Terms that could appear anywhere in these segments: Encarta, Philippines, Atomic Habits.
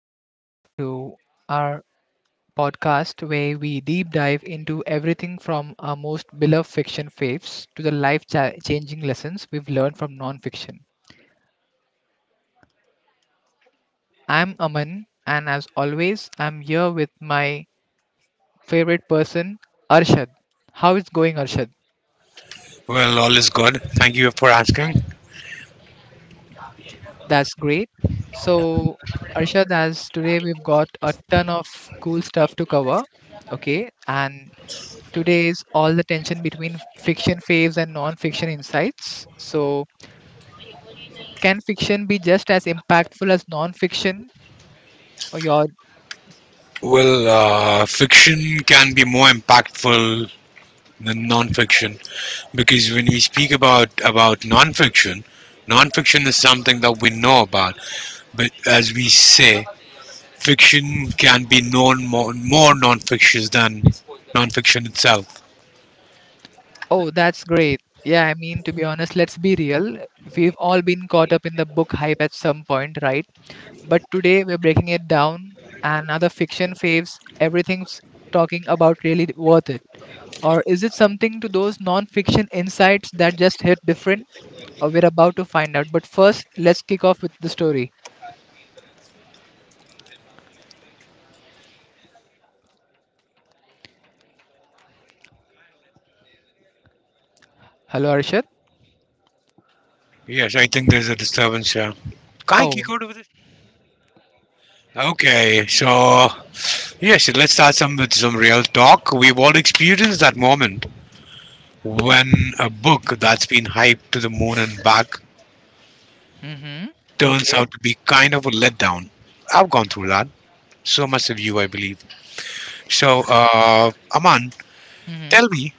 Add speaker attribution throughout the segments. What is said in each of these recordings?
Speaker 1: Welcome back to our podcast where we deep dive into everything from our most beloved fiction faves to the life changing lessons we've learned from non-fiction. I'm Aman, and as always, I'm here with my favorite person, Arshad. How is going, Arshad?
Speaker 2: Well, all is good. Thank you for asking.
Speaker 1: That's great. So, Arshad, as today we've got a ton of cool stuff to cover. Okay, and today is all the tension between fiction faves and non fiction insights. So, can fiction be just as impactful as non fiction? Or your,
Speaker 2: Well, fiction can be more impactful than non-fiction because when we speak about non-fiction, non-fiction is something that we know about, but as we say, fiction can be known more non-fiction than non-fiction itself.
Speaker 1: oh, that's great. Yeah, I mean, to be honest, let's be real. We've all been caught up in the book hype at some point, right? But today we're breaking it down. And other fiction faves, everything's talking about really worth it. Or is it something to those non fiction insights that just hit different? We're about to find out. But first, let's kick off with the story. Hello, Arshad.
Speaker 2: Yes, I think there's a disturbance here. Kai, can you
Speaker 1: Oh.
Speaker 2: go over this? Okay, so yes, let's start some with some real talk. We've all experienced that moment when a book that's been hyped to the moon and back
Speaker 1: Mhm.
Speaker 2: turns
Speaker 1: Okay.
Speaker 2: out to be kind of a letdown. I've gone through that. So much of you, I believe. So, Aman,
Speaker 1: Mhm.
Speaker 2: tell me,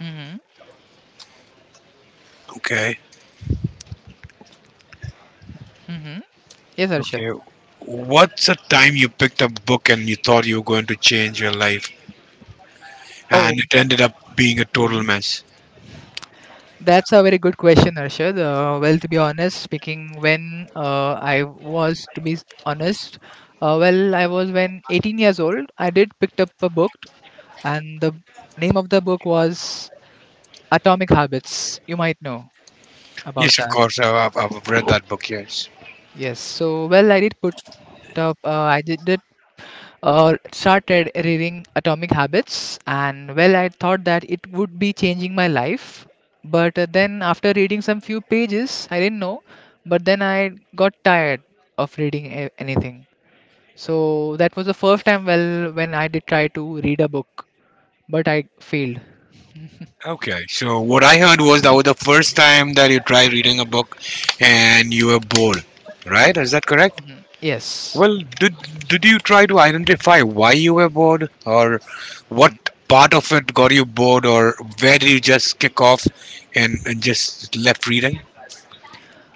Speaker 1: Mhm.
Speaker 2: okay,
Speaker 1: Mhm. Yes, Arshad.
Speaker 2: okay, what's a time you picked up a book and you thought you were going to change your life, and
Speaker 1: Oh.
Speaker 2: it ended up being a total
Speaker 1: Hmm.
Speaker 2: mess?
Speaker 1: That's a very good question, Arshad. Well, to be honest, speaking, when I was, to be honest, well, I was when 18 years old. I did picked up a book, and the name of the book was Atomic Habits. You might know about
Speaker 2: Yes, of
Speaker 1: that.
Speaker 2: course, I've read that book, yes.
Speaker 1: Yes. So, well, I did put up. I did started reading Atomic Habits, and well, I thought that it would be changing my life. But then, after reading some few pages, I didn't know, but then I got tired of reading anything. So that was the first time, well, when I did try to read a book, but I failed.
Speaker 2: Okay, so what I heard was that was the first time that you tried reading a book and you were bored, right? Is that correct?
Speaker 1: Mhm. Yes.
Speaker 2: Well, did you try to identify why you were bored, or what part of it got you bored, or where did you just kick off and just left reading?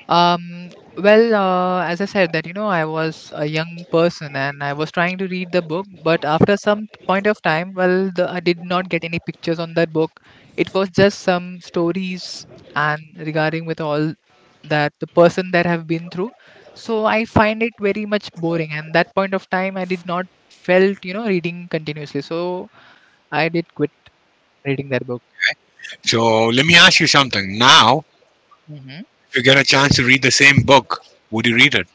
Speaker 1: Um, well, as I said that, you know, I was a young person and I was trying to read the book, but after some point of time, well, I did not get any pictures on that book. It was just some stories and regarding with all that the person that have been through. So I find it very much boring, and that point of time, I did not felt, reading continuously. So I did quit reading that book.
Speaker 2: So let me ask you something. Now, if you get a chance to read the same book, would you read it?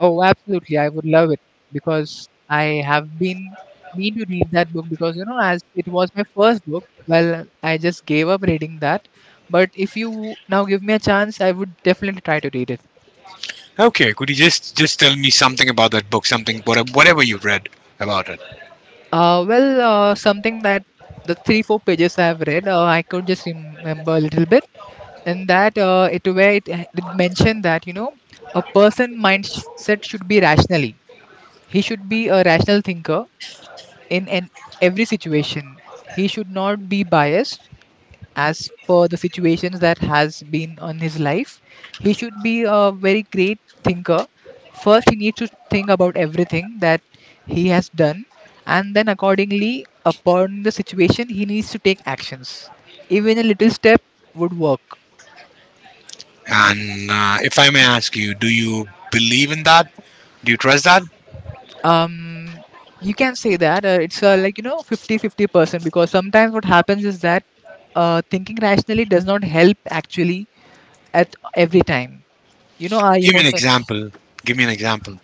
Speaker 1: Oh, absolutely. I would love it because I have been mean to read that book because as it was my first book, well, I just gave up reading that. But if you now give me a chance, I would definitely try to read it.
Speaker 2: Okay, could you just tell me something about that book, something whatever you read about it?
Speaker 1: Well, something that the three four pages I have read, I could just remember a little bit, and that it where it mentioned that a person mindset should be rationally. He should be a rational thinker in an every situation. He should not be biased as per the situations that has been on his life. He should be a very great thinker. First, he needs to think about everything that he has done, and then accordingly, upon the situation, he needs to take actions. Even a little step would work.
Speaker 2: And if I may ask you, do you believe in that? Do you trust that?
Speaker 1: Um, you can say that it's like 50/50 percent because sometimes what happens is that thinking rationally does not help actually at every time. You know, our
Speaker 2: Give me an
Speaker 1: emotions.
Speaker 2: example. Give me an example.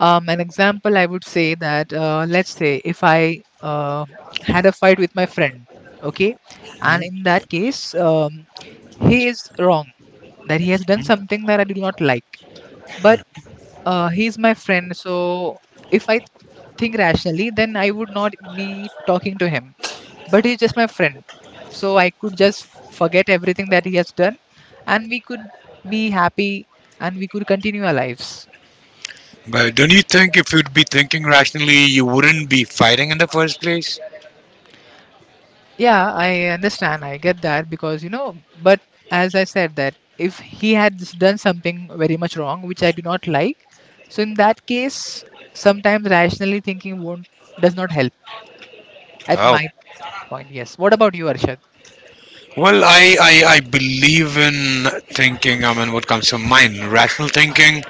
Speaker 1: An example I would say that, let's say if I uh, had a fight with my friend, okay, and
Speaker 2: Hmm?
Speaker 1: in that case, he is wrong, that he has done something that I do not like. But he is my friend, so if I think rationally, then I would not be talking to him. But he's just my friend, so I could just forget everything that he has done, and we could be happy and we could continue our lives.
Speaker 2: But don't you think if you'd be thinking rationally, you wouldn't be fighting in the first place?
Speaker 1: Yeah, I understand. I get that because, but as I said that if he had done something very much wrong, which I do not like, so in that case, sometimes rationally thinking won't does not help at
Speaker 2: Oh,
Speaker 1: my point. Yes. What about you, Arshad?
Speaker 2: well, I believe in thinking, I mean, what comes to mind. Rational thinking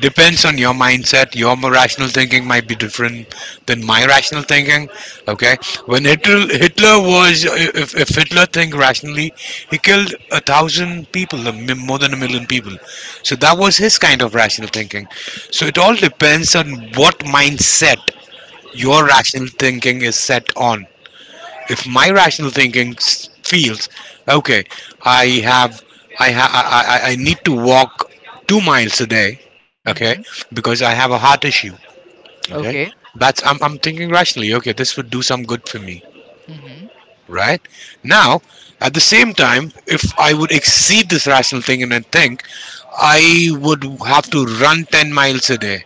Speaker 2: depends on your mindset. Your rational thinking might be different than my rational thinking. Okay? When Hitler, Hitler was, if Hitler think rationally, he killed a thousand people, more than a million people. So that was his kind of rational thinking. So it all depends on what mindset
Speaker 1: Hmm.
Speaker 2: your rational thinking is set on. If my rational thinking feels, okay, I have, I, ha- I need to walk 2 miles a day, okay,
Speaker 1: Hmm.
Speaker 2: because I have a heart issue, okay,
Speaker 1: Okay.
Speaker 2: that's, I'm thinking rationally, okay, this would do some good for me,
Speaker 1: Hmm.
Speaker 2: right? Now, at the same time, if I would exceed this rational thinking and think, I would have to run 10 miles a day,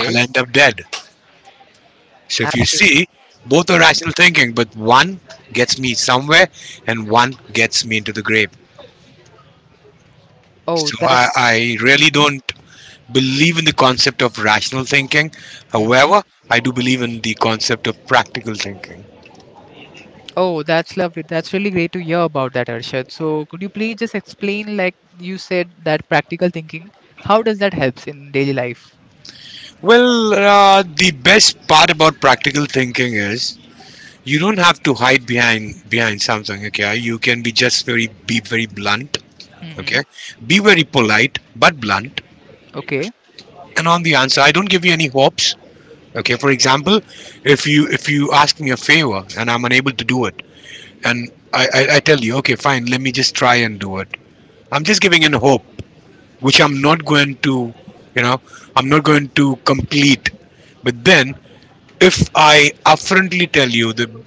Speaker 2: I'll end up dead. So if you
Speaker 1: Absolutely.
Speaker 2: see, both are
Speaker 1: Hmm.
Speaker 2: rational thinking, but one gets me somewhere and one gets me into the grave.
Speaker 1: Oh,
Speaker 2: So I,
Speaker 1: that's.
Speaker 2: I really
Speaker 1: Hmm.
Speaker 2: don't believe in the concept of rational thinking.
Speaker 1: Hmm.
Speaker 2: However, I do believe in the concept of practical thinking.
Speaker 1: Oh, that's lovely. That's really great to hear about that, Arshad. So, could you please just explain, like you said, that practical thinking? How does that helps in daily life?
Speaker 2: Well, the best part about practical thinking is you don't have to hide behind something. Okay, you can be very blunt.
Speaker 1: Mm-hmm.
Speaker 2: Okay, be very polite but blunt.
Speaker 1: Okay.
Speaker 2: And on the answer, I don't give you any hopes. Okay, for example, if you ask me a favor and I'm unable to do it, and I tell you, okay, fine, let me just try and do it. I'm just giving in hope, which you know I'm not going to complete. But then if I upfrontly tell you that,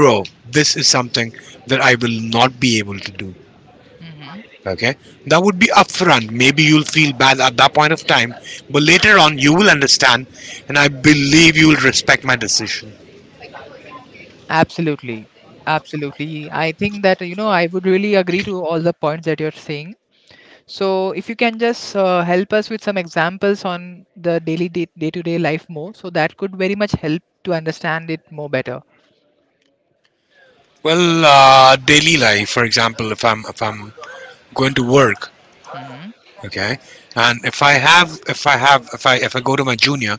Speaker 2: bro, this is something that I will not be able to do,
Speaker 1: Mm-hmm.
Speaker 2: okay, that would be upfront. Maybe you'll feel bad at that point of time, but later on you will understand, and I believe you will respect my decision.
Speaker 1: Absolutely. Absolutely. I think that, I would really agree to all the points that you're saying. So, if you can just help us with some examples on the daily day to day life more, so that could very much help to understand it more better.
Speaker 2: Well, daily life, for example, if I'm going to work,
Speaker 1: Hmm.
Speaker 2: okay, and if I have if I have if I go to my junior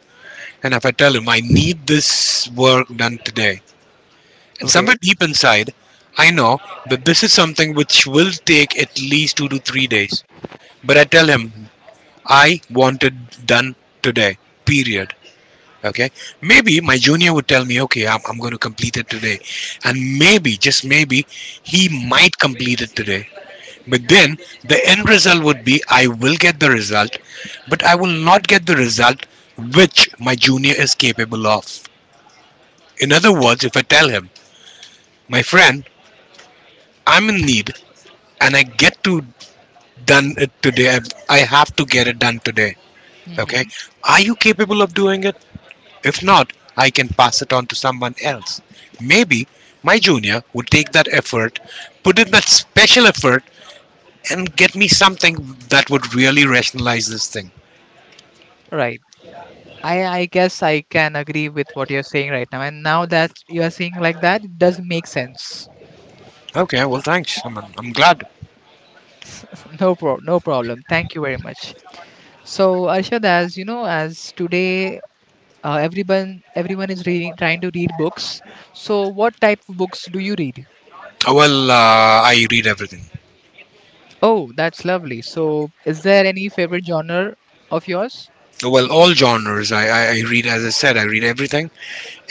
Speaker 2: and if I tell him I need this work done today, and somewhere
Speaker 1: Okay.
Speaker 2: deep inside, I know that this is something which will take at least 2 to 3 days, but I tell him I want it done today. Period. Okay. Maybe my junior would tell me, okay, I'm going to complete it today, and maybe just maybe he
Speaker 1: Mm-hmm.
Speaker 2: might complete it today. But then the end result would be I will get the result, but I will not get the result which my junior is capable of. In other words, if I tell him, my friend, I'm in need and I get to done it today, I have to get it done today. Okay, are you capable of doing it? If not, I can pass it on to someone else. Maybe my junior would take that effort, put in that special effort, and get me something that would really rationalize this thing.
Speaker 1: Mm. I guess I can agree with what you're saying right now. And now that you are saying like that, it does make sense.
Speaker 2: Okay, well, thanks. I'm glad.
Speaker 1: No problem. Thank you very much. So Arshad, as you know, as today everyone is reading, trying to read books. So what type of books do you read?
Speaker 2: Well, I read everything.
Speaker 1: Oh, that's lovely. So is there any favorite genre of yours?
Speaker 2: Well, all genres. I read, as I said, I read everything.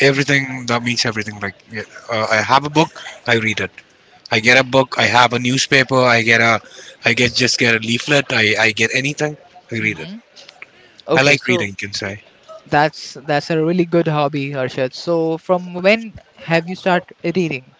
Speaker 2: Everything, that means everything. Like, yeah, I have a book, I read it. I get a book, I have a newspaper, I get a leaflet, I get anything, I read it.
Speaker 1: Mm-hmm.
Speaker 2: I
Speaker 1: Okay,
Speaker 2: like reading,
Speaker 1: so
Speaker 2: you can say.
Speaker 1: that's a really good hobby, Arshad. So from when have you started reading?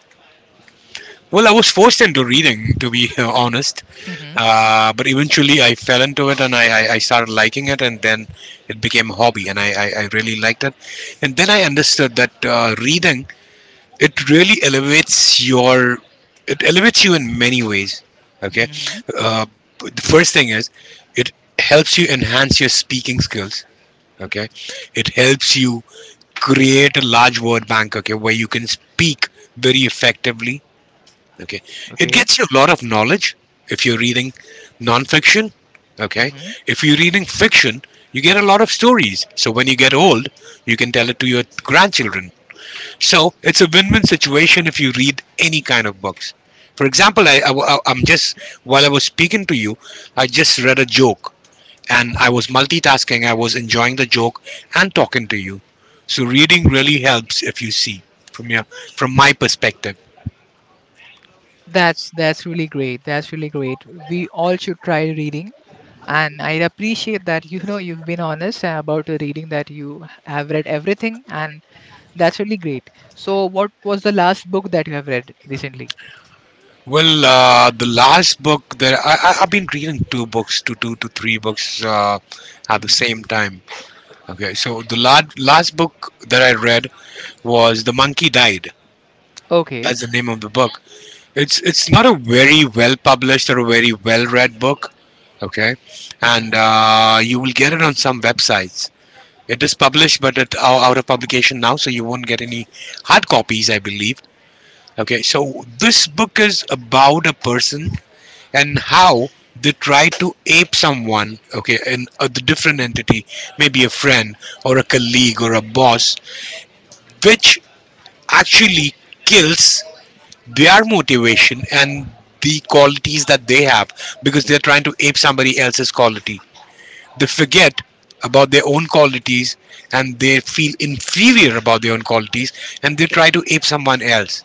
Speaker 2: Well, I was forced into reading, to be honest.
Speaker 1: Mm-hmm.
Speaker 2: But eventually, I fell into it and I started liking it, and then it became a hobby, and I really liked it. And then I understood that reading, it really elevates your it elevates you in many ways. Okay,
Speaker 1: Mm-hmm.
Speaker 2: uh, the first thing is it helps you enhance your speaking skills. Okay, it helps you create a large word bank, Okay, where you can speak very effectively. Okay. It
Speaker 1: Okay.
Speaker 2: gets you a lot of knowledge if you're reading nonfiction. Okay.
Speaker 1: Hmm.
Speaker 2: If you're reading fiction, you get a lot of stories. So when you get old, you can tell it to your grandchildren. So it's a win win situation if you read any kind of books. For example, while I was speaking to you, I just read a joke and I was multitasking. I was enjoying the joke and talking to you. So reading really helps if you see from your from my perspective.
Speaker 1: That's really great. That's really great. We all should try reading. And I appreciate that you know you've been honest about the reading that you have read everything, and that's really great. So, what was the last book that you have read recently?
Speaker 2: Well, the last book that I've been reading, two to three books at the
Speaker 1: Hmm.
Speaker 2: same time. Okay, so the last book that I read was "The Monkey Died."
Speaker 1: Okay.
Speaker 2: That's the name of the book. It's not a very well published or a very well read book. Okay, and
Speaker 1: Hmm.
Speaker 2: you will get it on some websites. It is published, but it's out of publication now, so you won't get any hard copies, I believe. Okay, so this book is about a person and how they try to ape someone, okay, and a different entity, maybe a friend or a colleague or a boss, which actually kills their motivation and the qualities that they have because they're trying to ape somebody else's quality. They forget about their own qualities, and they feel inferior about their own qualities, and they try to ape someone else.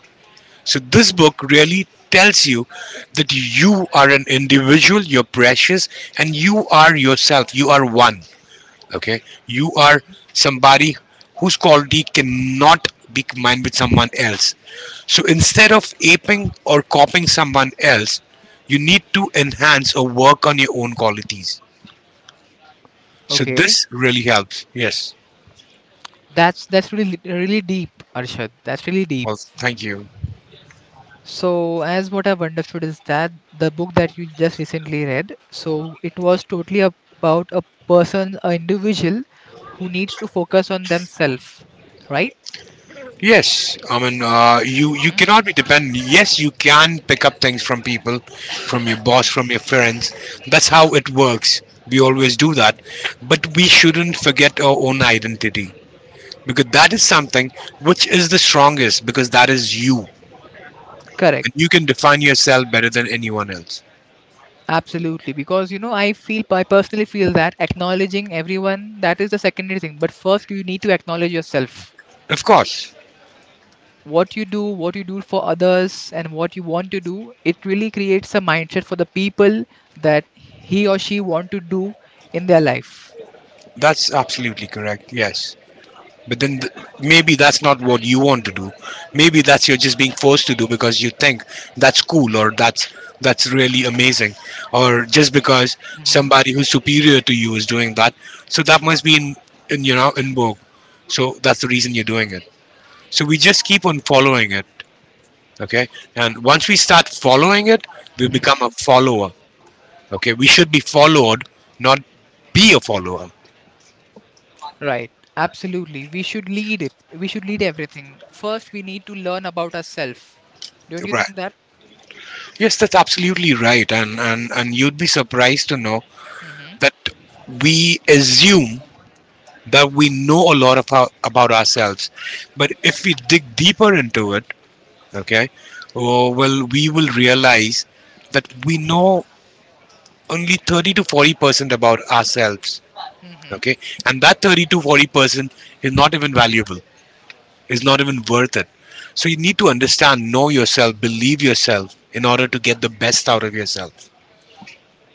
Speaker 2: So this book really tells you that you are an individual, you're precious, and you are yourself. You are one. Okay, you are somebody whose quality cannot be combined with someone else. So instead of aping or copying someone else, you need to enhance or work on your own qualities. So
Speaker 1: Okay.
Speaker 2: this really helps. Yes.
Speaker 1: That's really really deep, Arshad. That's really deep.
Speaker 2: Well, thank you.
Speaker 1: So, as what I've understood is that the book that you just recently read, so it was totally about a person, an individual who needs to focus on themselves, right?
Speaker 2: Yes, I mean, you
Speaker 1: Mhm.
Speaker 2: cannot be dependent. Yes, you can pick up things from people, from your boss, from your friends. That's how it works. We always do that, but we shouldn't forget our own identity because that is something which is the strongest because that is you,
Speaker 1: Correct.
Speaker 2: and you can define yourself better than anyone else.
Speaker 1: Absolutely. Because, I personally feel that acknowledging everyone, that is the secondary thing. But first, you need to acknowledge yourself.
Speaker 2: Of course,
Speaker 1: What you do for others, and what you want to do, it really creates a mindset for the people that he or she want to do in their life.
Speaker 2: that's absolutely correct. Yes. But then maybe that's not what you want to do. Maybe that's you're just being forced to do because you think that's cool, or that's really amazing, or just because somebody who's superior to you is doing that. So that must be in you know in vogue. So that's the reason you're doing it. So we just keep on following it, okay? And once we start following it, we become a
Speaker 1: Mhm.
Speaker 2: follower. Okay, we should be followed, not be a follower.
Speaker 1: Right. Absolutely. We should lead it. We should lead everything. First, we need to learn about ourselves. Don't you
Speaker 2: Right.
Speaker 1: think that?
Speaker 2: Yes, that's absolutely right, and you'd be surprised to know
Speaker 1: Hmm.
Speaker 2: that we assume that we know a lot of our, about ourselves, but if we dig deeper into it, okay, oh, well, we will realize that we know only 30 to 40% about ourselves,
Speaker 1: Hmm.
Speaker 2: okay, and that 30 to 40% is not even valuable, is not even worth it. So you need to understand, know yourself, believe yourself, in order to get the best out of yourself.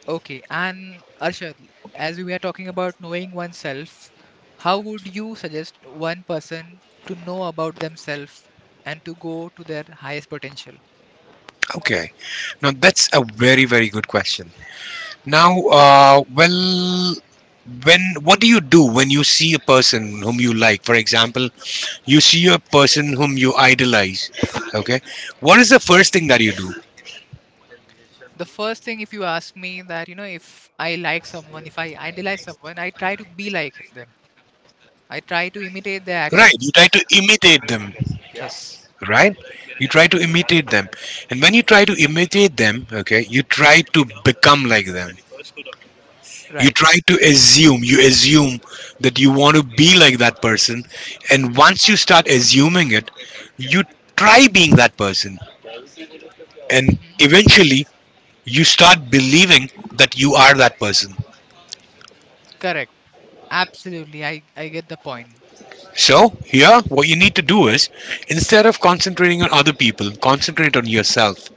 Speaker 1: Okay. And Arshad, as we were talking about knowing oneself, how would you suggest one person to know about themselves and to go to their highest potential?
Speaker 2: Okay, now that's a very very good question. Now, well, when what do you do when you see a person whom you like? For example, you see a person whom you idolize. Okay, what is the first thing that you do?
Speaker 1: The first thing, if you ask me that, if I like someone, if I idolize someone, I try to be like them. I try to imitate their
Speaker 2: Right, you
Speaker 1: actions.
Speaker 2: try to imitate them.
Speaker 1: Yes.
Speaker 2: Right, you try to imitate them, and when you try to imitate them, okay, you try to become like them. You
Speaker 1: Right.
Speaker 2: try to assume. You assume that you want to be like that person, and
Speaker 1: Hmm.
Speaker 2: once you start assuming it, you try being that person and eventually you start believing that you are that person.
Speaker 1: Correct. Absolutely. I get the point.
Speaker 2: So, here, what you need to do is instead of concentrating on other people, concentrate on yourself.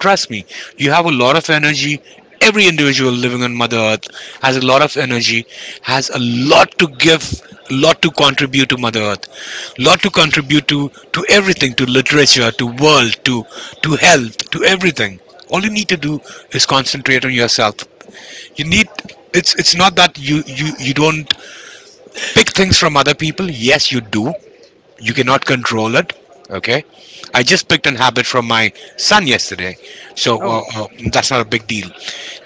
Speaker 2: Trust me, you have a lot of energy. Every individual living on Mother Earth has a lot of energy, has a lot to give, a lot to contribute to Mother Earth, a lot to contribute to everything, to literature, to world, to health, to everything. All you need to do is concentrate on yourself. You need It's not that you don't pick things from other people. Yes, you do. You cannot
Speaker 1: Hmm.
Speaker 2: control it. Okay, I just picked an habit from my son yesterday. So,
Speaker 1: Oh,
Speaker 2: that's not a big deal,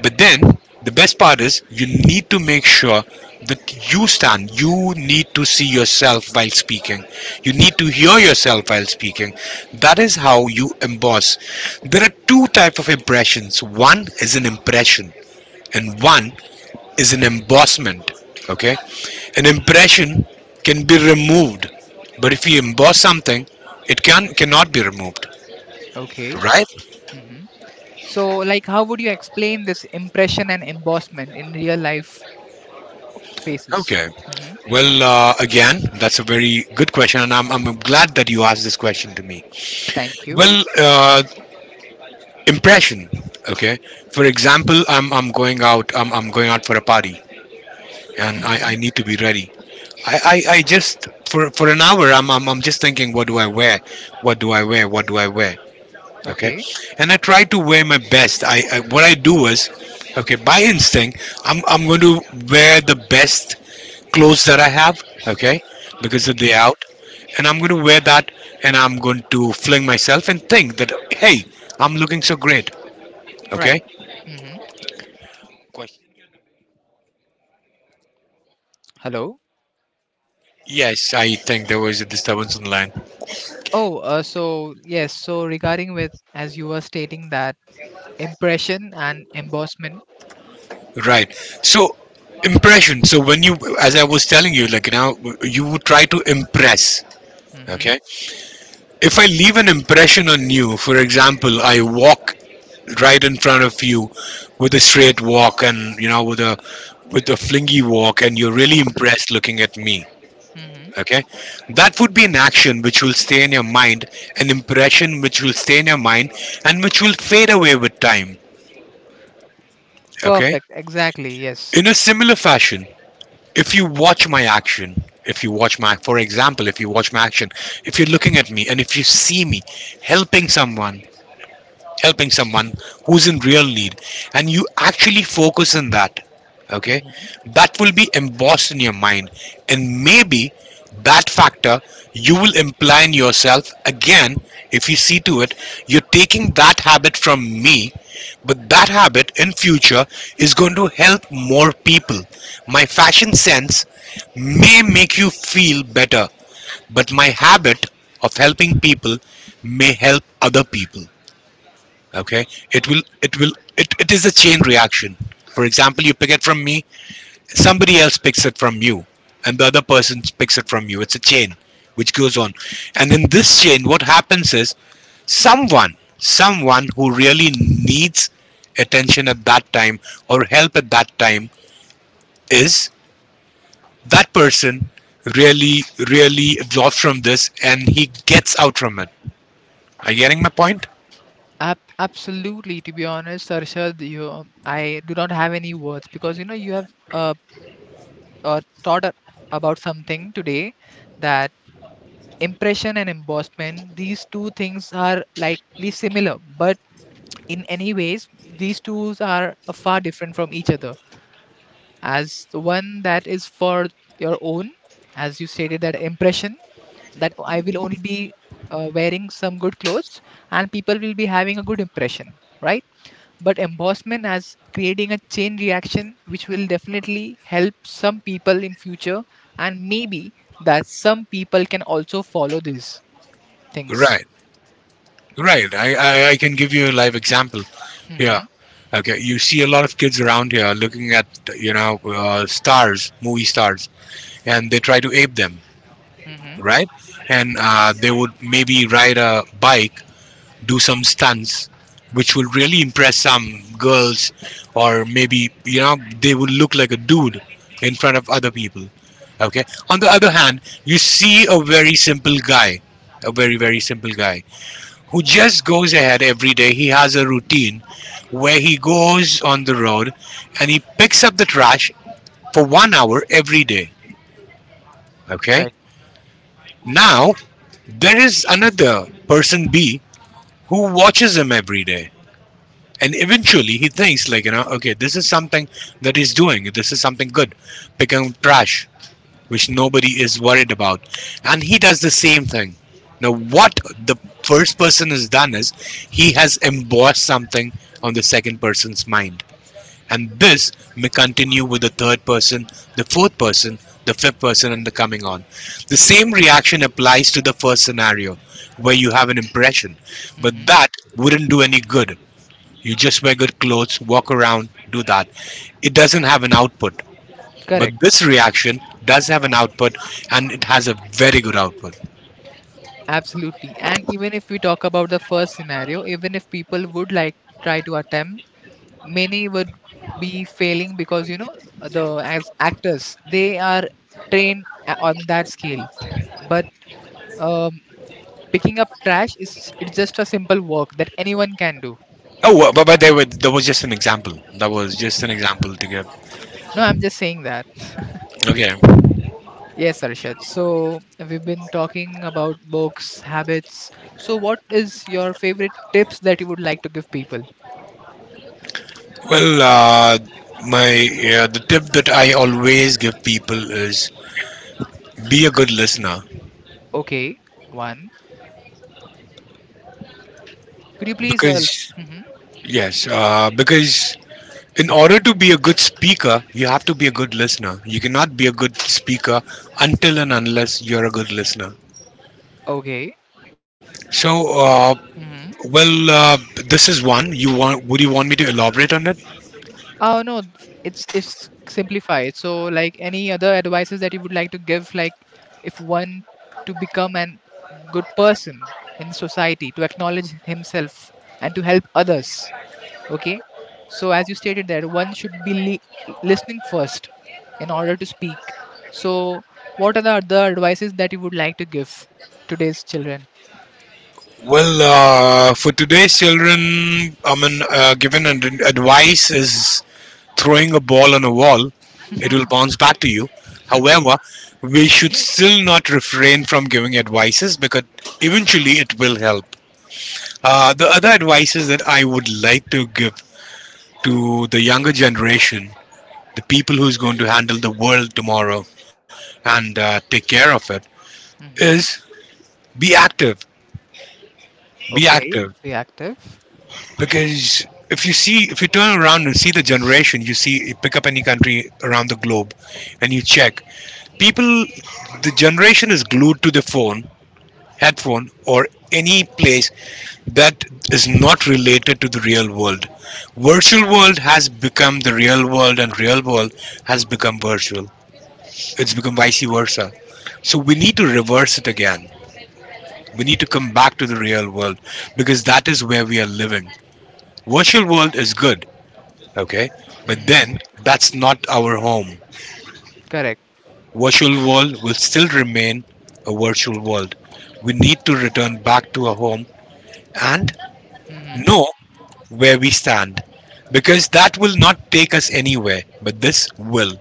Speaker 2: but then the best part is you need to make sure that you need to see yourself while speaking, you need to hear yourself while speaking. That is how you emboss. There are two type of impressions. One is an impression, and one is an embossment. Okay, an impression can be removed, but if you emboss something, it cannot be removed.
Speaker 1: okay.
Speaker 2: Right?
Speaker 1: Hmm. So, like, how would you explain this impression and embossment in real life faces?
Speaker 2: Okay.
Speaker 1: Hmm.
Speaker 2: Well, again, that's a very good question, and I'm glad that you asked this question to me.
Speaker 1: Thank you.
Speaker 2: Well, impression. Okay. For example, I'm going out. I'm going out for a party, and I
Speaker 1: Hmm.
Speaker 2: need to be ready. I, I just for an hour, I'm just thinking, what do I wear, what do I wear, what do I wear. Okay,
Speaker 1: Okay.
Speaker 2: and I try to wear my best. I what I do is, okay, by instinct I'm going to wear the best clothes that I have. Okay, because of the
Speaker 1: Hmm.
Speaker 2: out, and I'm going to wear that, and I'm going to fling myself and think that hey, I'm looking so great.
Speaker 1: Right.
Speaker 2: Okay.
Speaker 1: Hmm.
Speaker 2: Question.
Speaker 1: Hello.
Speaker 2: Yes, I think there was a disturbance on the line.
Speaker 1: Oh, so yes. So regarding with as you were stating that impression and embossment.
Speaker 2: Right. So impression. So when you, as I was telling you, like now, you would try to impress.
Speaker 1: Hmm.
Speaker 2: Okay. If I leave an impression on you, for example, I walk right in front of you with a straight walk, and you know, with a flingy walk, and you're really
Speaker 1: Hmm.
Speaker 2: impressed looking at me.
Speaker 1: Hmm.
Speaker 2: Okay, that would be an action which will stay in your mind, an impression which will stay in your mind, and which will fade away with time. Okay,
Speaker 1: Perfect. Exactly. Yes.
Speaker 2: in a similar fashion, if you watch my action if you watch my for example, if you watch my action, if you're looking at me and if you see me helping someone helping someone who's in real need, and you actually focus on that, okay, that will be embossed in your mind, and maybe that factor you will imply in yourself. Again, if you see to it, you're taking that habit from me, but that habit in future is going to help more people. My fashion sense may make you feel better, but my habit of helping people may help other people. Okay, it is a chain reaction. For example, you pick it from me, somebody else picks it from you, and the other person picks it from you. It's a chain which goes on, and in this chain what happens is someone who really needs attention at that time or help at that time is that person really really absorbs from this and he gets out from it. Are you getting my point?
Speaker 1: Absolutely, to be honest, Arshad, I do not have any words because you have uh, taught about something today that impression and embossment, these two things are likely similar but in any ways these two are far different from each other, as the one that is for your own, as you stated that impression that I will only be wearing some good clothes and people will be having a good impression, right? But embossment as creating a chain reaction which will definitely help some people in future, and maybe that some people can also follow these things.
Speaker 2: Right. Right. I can give you a live example. Yeah.
Speaker 1: Hmm.
Speaker 2: Okay. You see a lot of kids around here looking at, stars, movie stars, and they try to ape them,
Speaker 1: Hmm.
Speaker 2: right? And they would maybe ride a bike, do some stunts, which would really impress some girls, or maybe, they would look like a dude in front of other people. Okay. On the other hand, you see a very simple guy, a very, very simple guy who just goes ahead every day. He has a routine where he goes on the road and he picks up the trash for 1 hour every day. Okay.
Speaker 1: Right.
Speaker 2: Now, there is another person B who watches him every day. And eventually he thinks, like, okay, this is something that he's doing. This is something good. Picking up trash which nobody is worried about. And he does the same thing. Now, what the first person has done is he has embossed something on the second person's mind. And this may continue with the third person, the fourth person, the fifth person, and the coming on. The same reaction applies to the first scenario where you have an impression, but
Speaker 1: Hmm.
Speaker 2: that wouldn't do any good. You just wear good clothes, walk around, do that. It doesn't have an output.
Speaker 1: Correct.
Speaker 2: But this reaction does have an output, and it has a very good output.
Speaker 1: Absolutely, and even if we talk about the first scenario, even if people would like try to attempt, many would be failing because the as actors they are trained on that scale. But uh, picking up trash is it's just a simple work that anyone can do.
Speaker 2: Oh, but there was just an example. That was just an example to give.
Speaker 1: No, I'm just saying that.
Speaker 2: Okay.
Speaker 1: Yes, Arshad. So we've been talking about books, habits. So what is your favorite tips that you would like to give people?
Speaker 2: Well, my the tip that I always give people is be a good listener,
Speaker 1: Okay, one. Could you please?
Speaker 2: because
Speaker 1: Like, hmm.
Speaker 2: yes, because in order to be a good speaker, you have to be a good listener. You cannot be a good speaker until and unless you're a good listener.
Speaker 1: Okay.
Speaker 2: So, uh,
Speaker 1: Hmm.
Speaker 2: well, uh, this is one. You want? Would you want me to elaborate on it?
Speaker 1: Oh no, it's simplified. So like any other advices that you would like to give, like if one to become an good person in society, to acknowledge himself and to help others. Okay. So as you stated that one should be listening first in order to speak. So what are the other advices that you would like to give today's children?
Speaker 2: Well, for today's children, I mean, given an advice is throwing a ball on a wall, it will bounce back to you.
Speaker 1: Okay.
Speaker 2: However, we should still not refrain from giving advices, because eventually it will help. The other advices that I would like to give to the younger generation, the people who's going to handle the world tomorrow and take care of it,
Speaker 1: Mm-hmm.
Speaker 2: is be active, be
Speaker 1: Okay.
Speaker 2: active.
Speaker 1: Be active.
Speaker 2: Because if you see, if you turn around and see the generation, you see, you pick up any country around the globe and you check, people, the generation is glued to the phone, headphone, or any place that is not related to the real world. Virtual world has become the real world, and real world has become virtual. It's become vice versa. So we need to reverse it again. We need to come back to the real world because that is where we are living. Virtual world is good, okay? But
Speaker 1: Mm-hmm.
Speaker 2: then that's not our home.
Speaker 1: Correct.
Speaker 2: Virtual world will still remain a virtual world. We need to return back to our home and
Speaker 1: Mm-hmm.
Speaker 2: know where we stand, because that will not take us anywhere, but this will.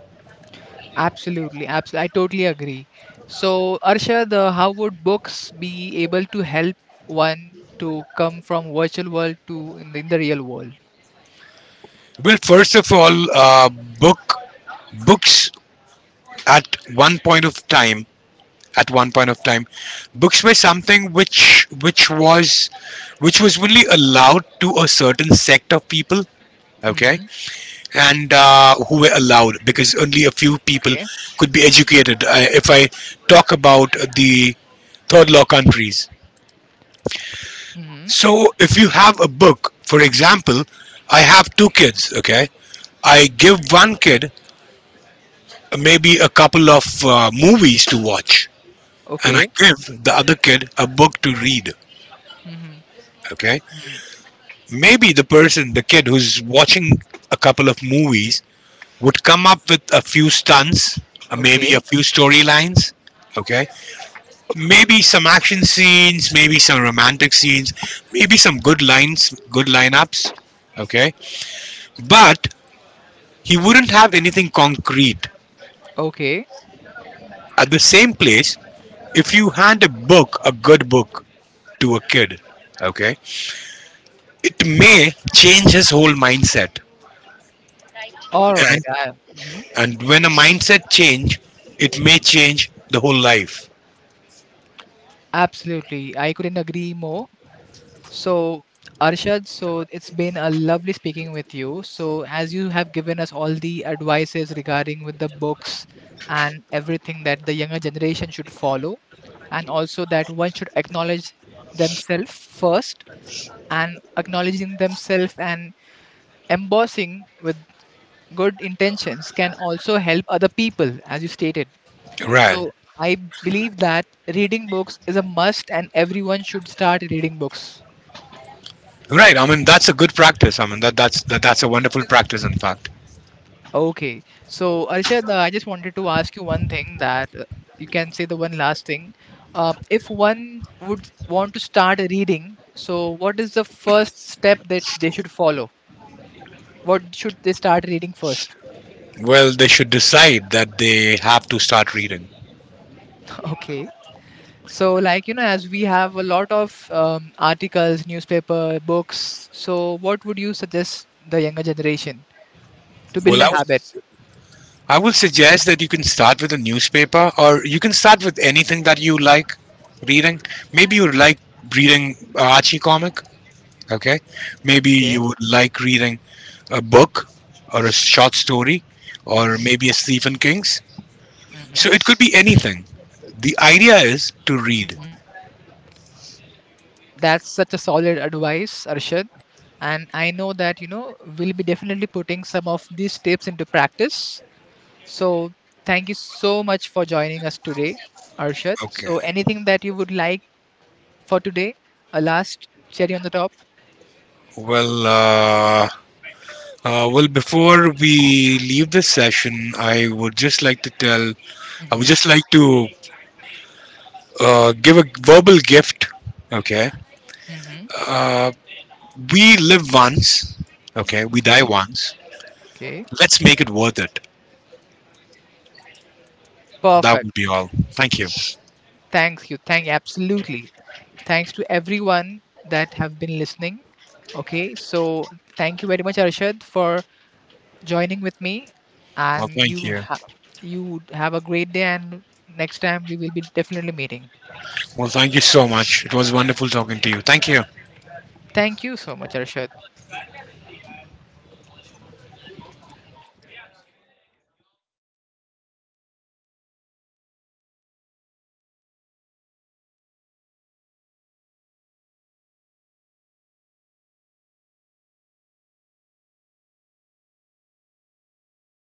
Speaker 1: Absolutely. Absolutely. I totally agree. So Arshad, how would books be able to help one to come from virtual world to in the real world?
Speaker 2: Well, first of all, book books, at one point of time, at one point of time, books were something which was only allowed to a certain sect of people. Okay,
Speaker 1: Mm-hmm.
Speaker 2: and who were allowed, because only a few people
Speaker 1: Okay.
Speaker 2: could be educated. If I talk about the third law countries,
Speaker 1: Mm-hmm.
Speaker 2: so if you have a book, for example, I have two kids. Okay, I give one kid maybe a couple of movies to watch, and I
Speaker 1: Okay.
Speaker 2: give the other kid a book to read.
Speaker 1: Mm-hmm.
Speaker 2: Okay, maybe the kid who's watching a couple of movies would come up with a few stunts, maybe
Speaker 1: Okay.
Speaker 2: a few storylines. Okay, maybe some action scenes, maybe some romantic scenes, maybe some good lines, good lineups. Okay, but he wouldn't have anything concrete.
Speaker 1: Okay.
Speaker 2: At the same place, if you hand a book, a good book, to a kid, okay, it may change his whole mindset.
Speaker 1: All right.
Speaker 2: And
Speaker 1: Mhm.
Speaker 2: when a mindset change, it may change the whole life.
Speaker 1: Absolutely. I couldn't agree more. So, Arshad, so it's been a lovely speaking with you. So, as you have given us all the advices regarding with the books and everything that the younger generation should follow, and also that one should acknowledge themselves first, and acknowledging themselves and embossing with good intentions can also help other people as you stated.
Speaker 2: Right.
Speaker 1: So I believe that reading books is a must and everyone should start reading books.
Speaker 2: Right. I mean, that's a good practice. I mean, that's a wonderful practice, in fact.
Speaker 1: Okay. So Arshad, I just wanted to ask you one thing that you can say the one last thing. If one would want to start reading, so what is the first step that they should follow? What should they start reading first?
Speaker 2: Well, they should decide that they have to start reading.
Speaker 1: Okay. So, like, as we have a lot of articles, newspaper, books, so what would you suggest the younger generation to build
Speaker 2: Well,
Speaker 1: a habit?
Speaker 2: I would suggest that you can start with a newspaper, or you can start with anything that you like reading. maybe you like reading a Archie comic. Okay, maybe
Speaker 1: Okay.
Speaker 2: you would like reading a book or a short story, or
Speaker 1: Mm-hmm,
Speaker 2: maybe a Stephen King's.
Speaker 1: mm-hmm,
Speaker 2: So it could be anything. The idea is to read.
Speaker 1: mm-hmm. That's such a solid advice, Arshad. And I know that, we'll be definitely putting some of these tips into practice. So thank you so much for joining us today, Arshad. So
Speaker 2: Okay.
Speaker 1: anything that you would like for today? A last cherry on the top?
Speaker 2: Well, uh, well, before we leave this session, I would
Speaker 1: Mm-hmm,
Speaker 2: just like to give a verbal gift. Okay.
Speaker 1: mm-hmm.
Speaker 2: Uh, we live once. Okay. We die
Speaker 1: Okay,
Speaker 2: once.
Speaker 1: okay.
Speaker 2: Let's make it worth it. That
Speaker 1: Perfect.
Speaker 2: would be all. Thank you.
Speaker 1: Thanks you. Thank absolutely. Thanks to everyone that have been listening. Okay, so thank you very much, Arshad, for joining with me,
Speaker 2: Well,
Speaker 1: and
Speaker 2: thank
Speaker 1: you
Speaker 2: you.
Speaker 1: have you have a great day. And next time we will be definitely meeting.
Speaker 2: Well, thank you so much. It was wonderful talking to you. Thank you.
Speaker 1: Thank you so much, Arshad.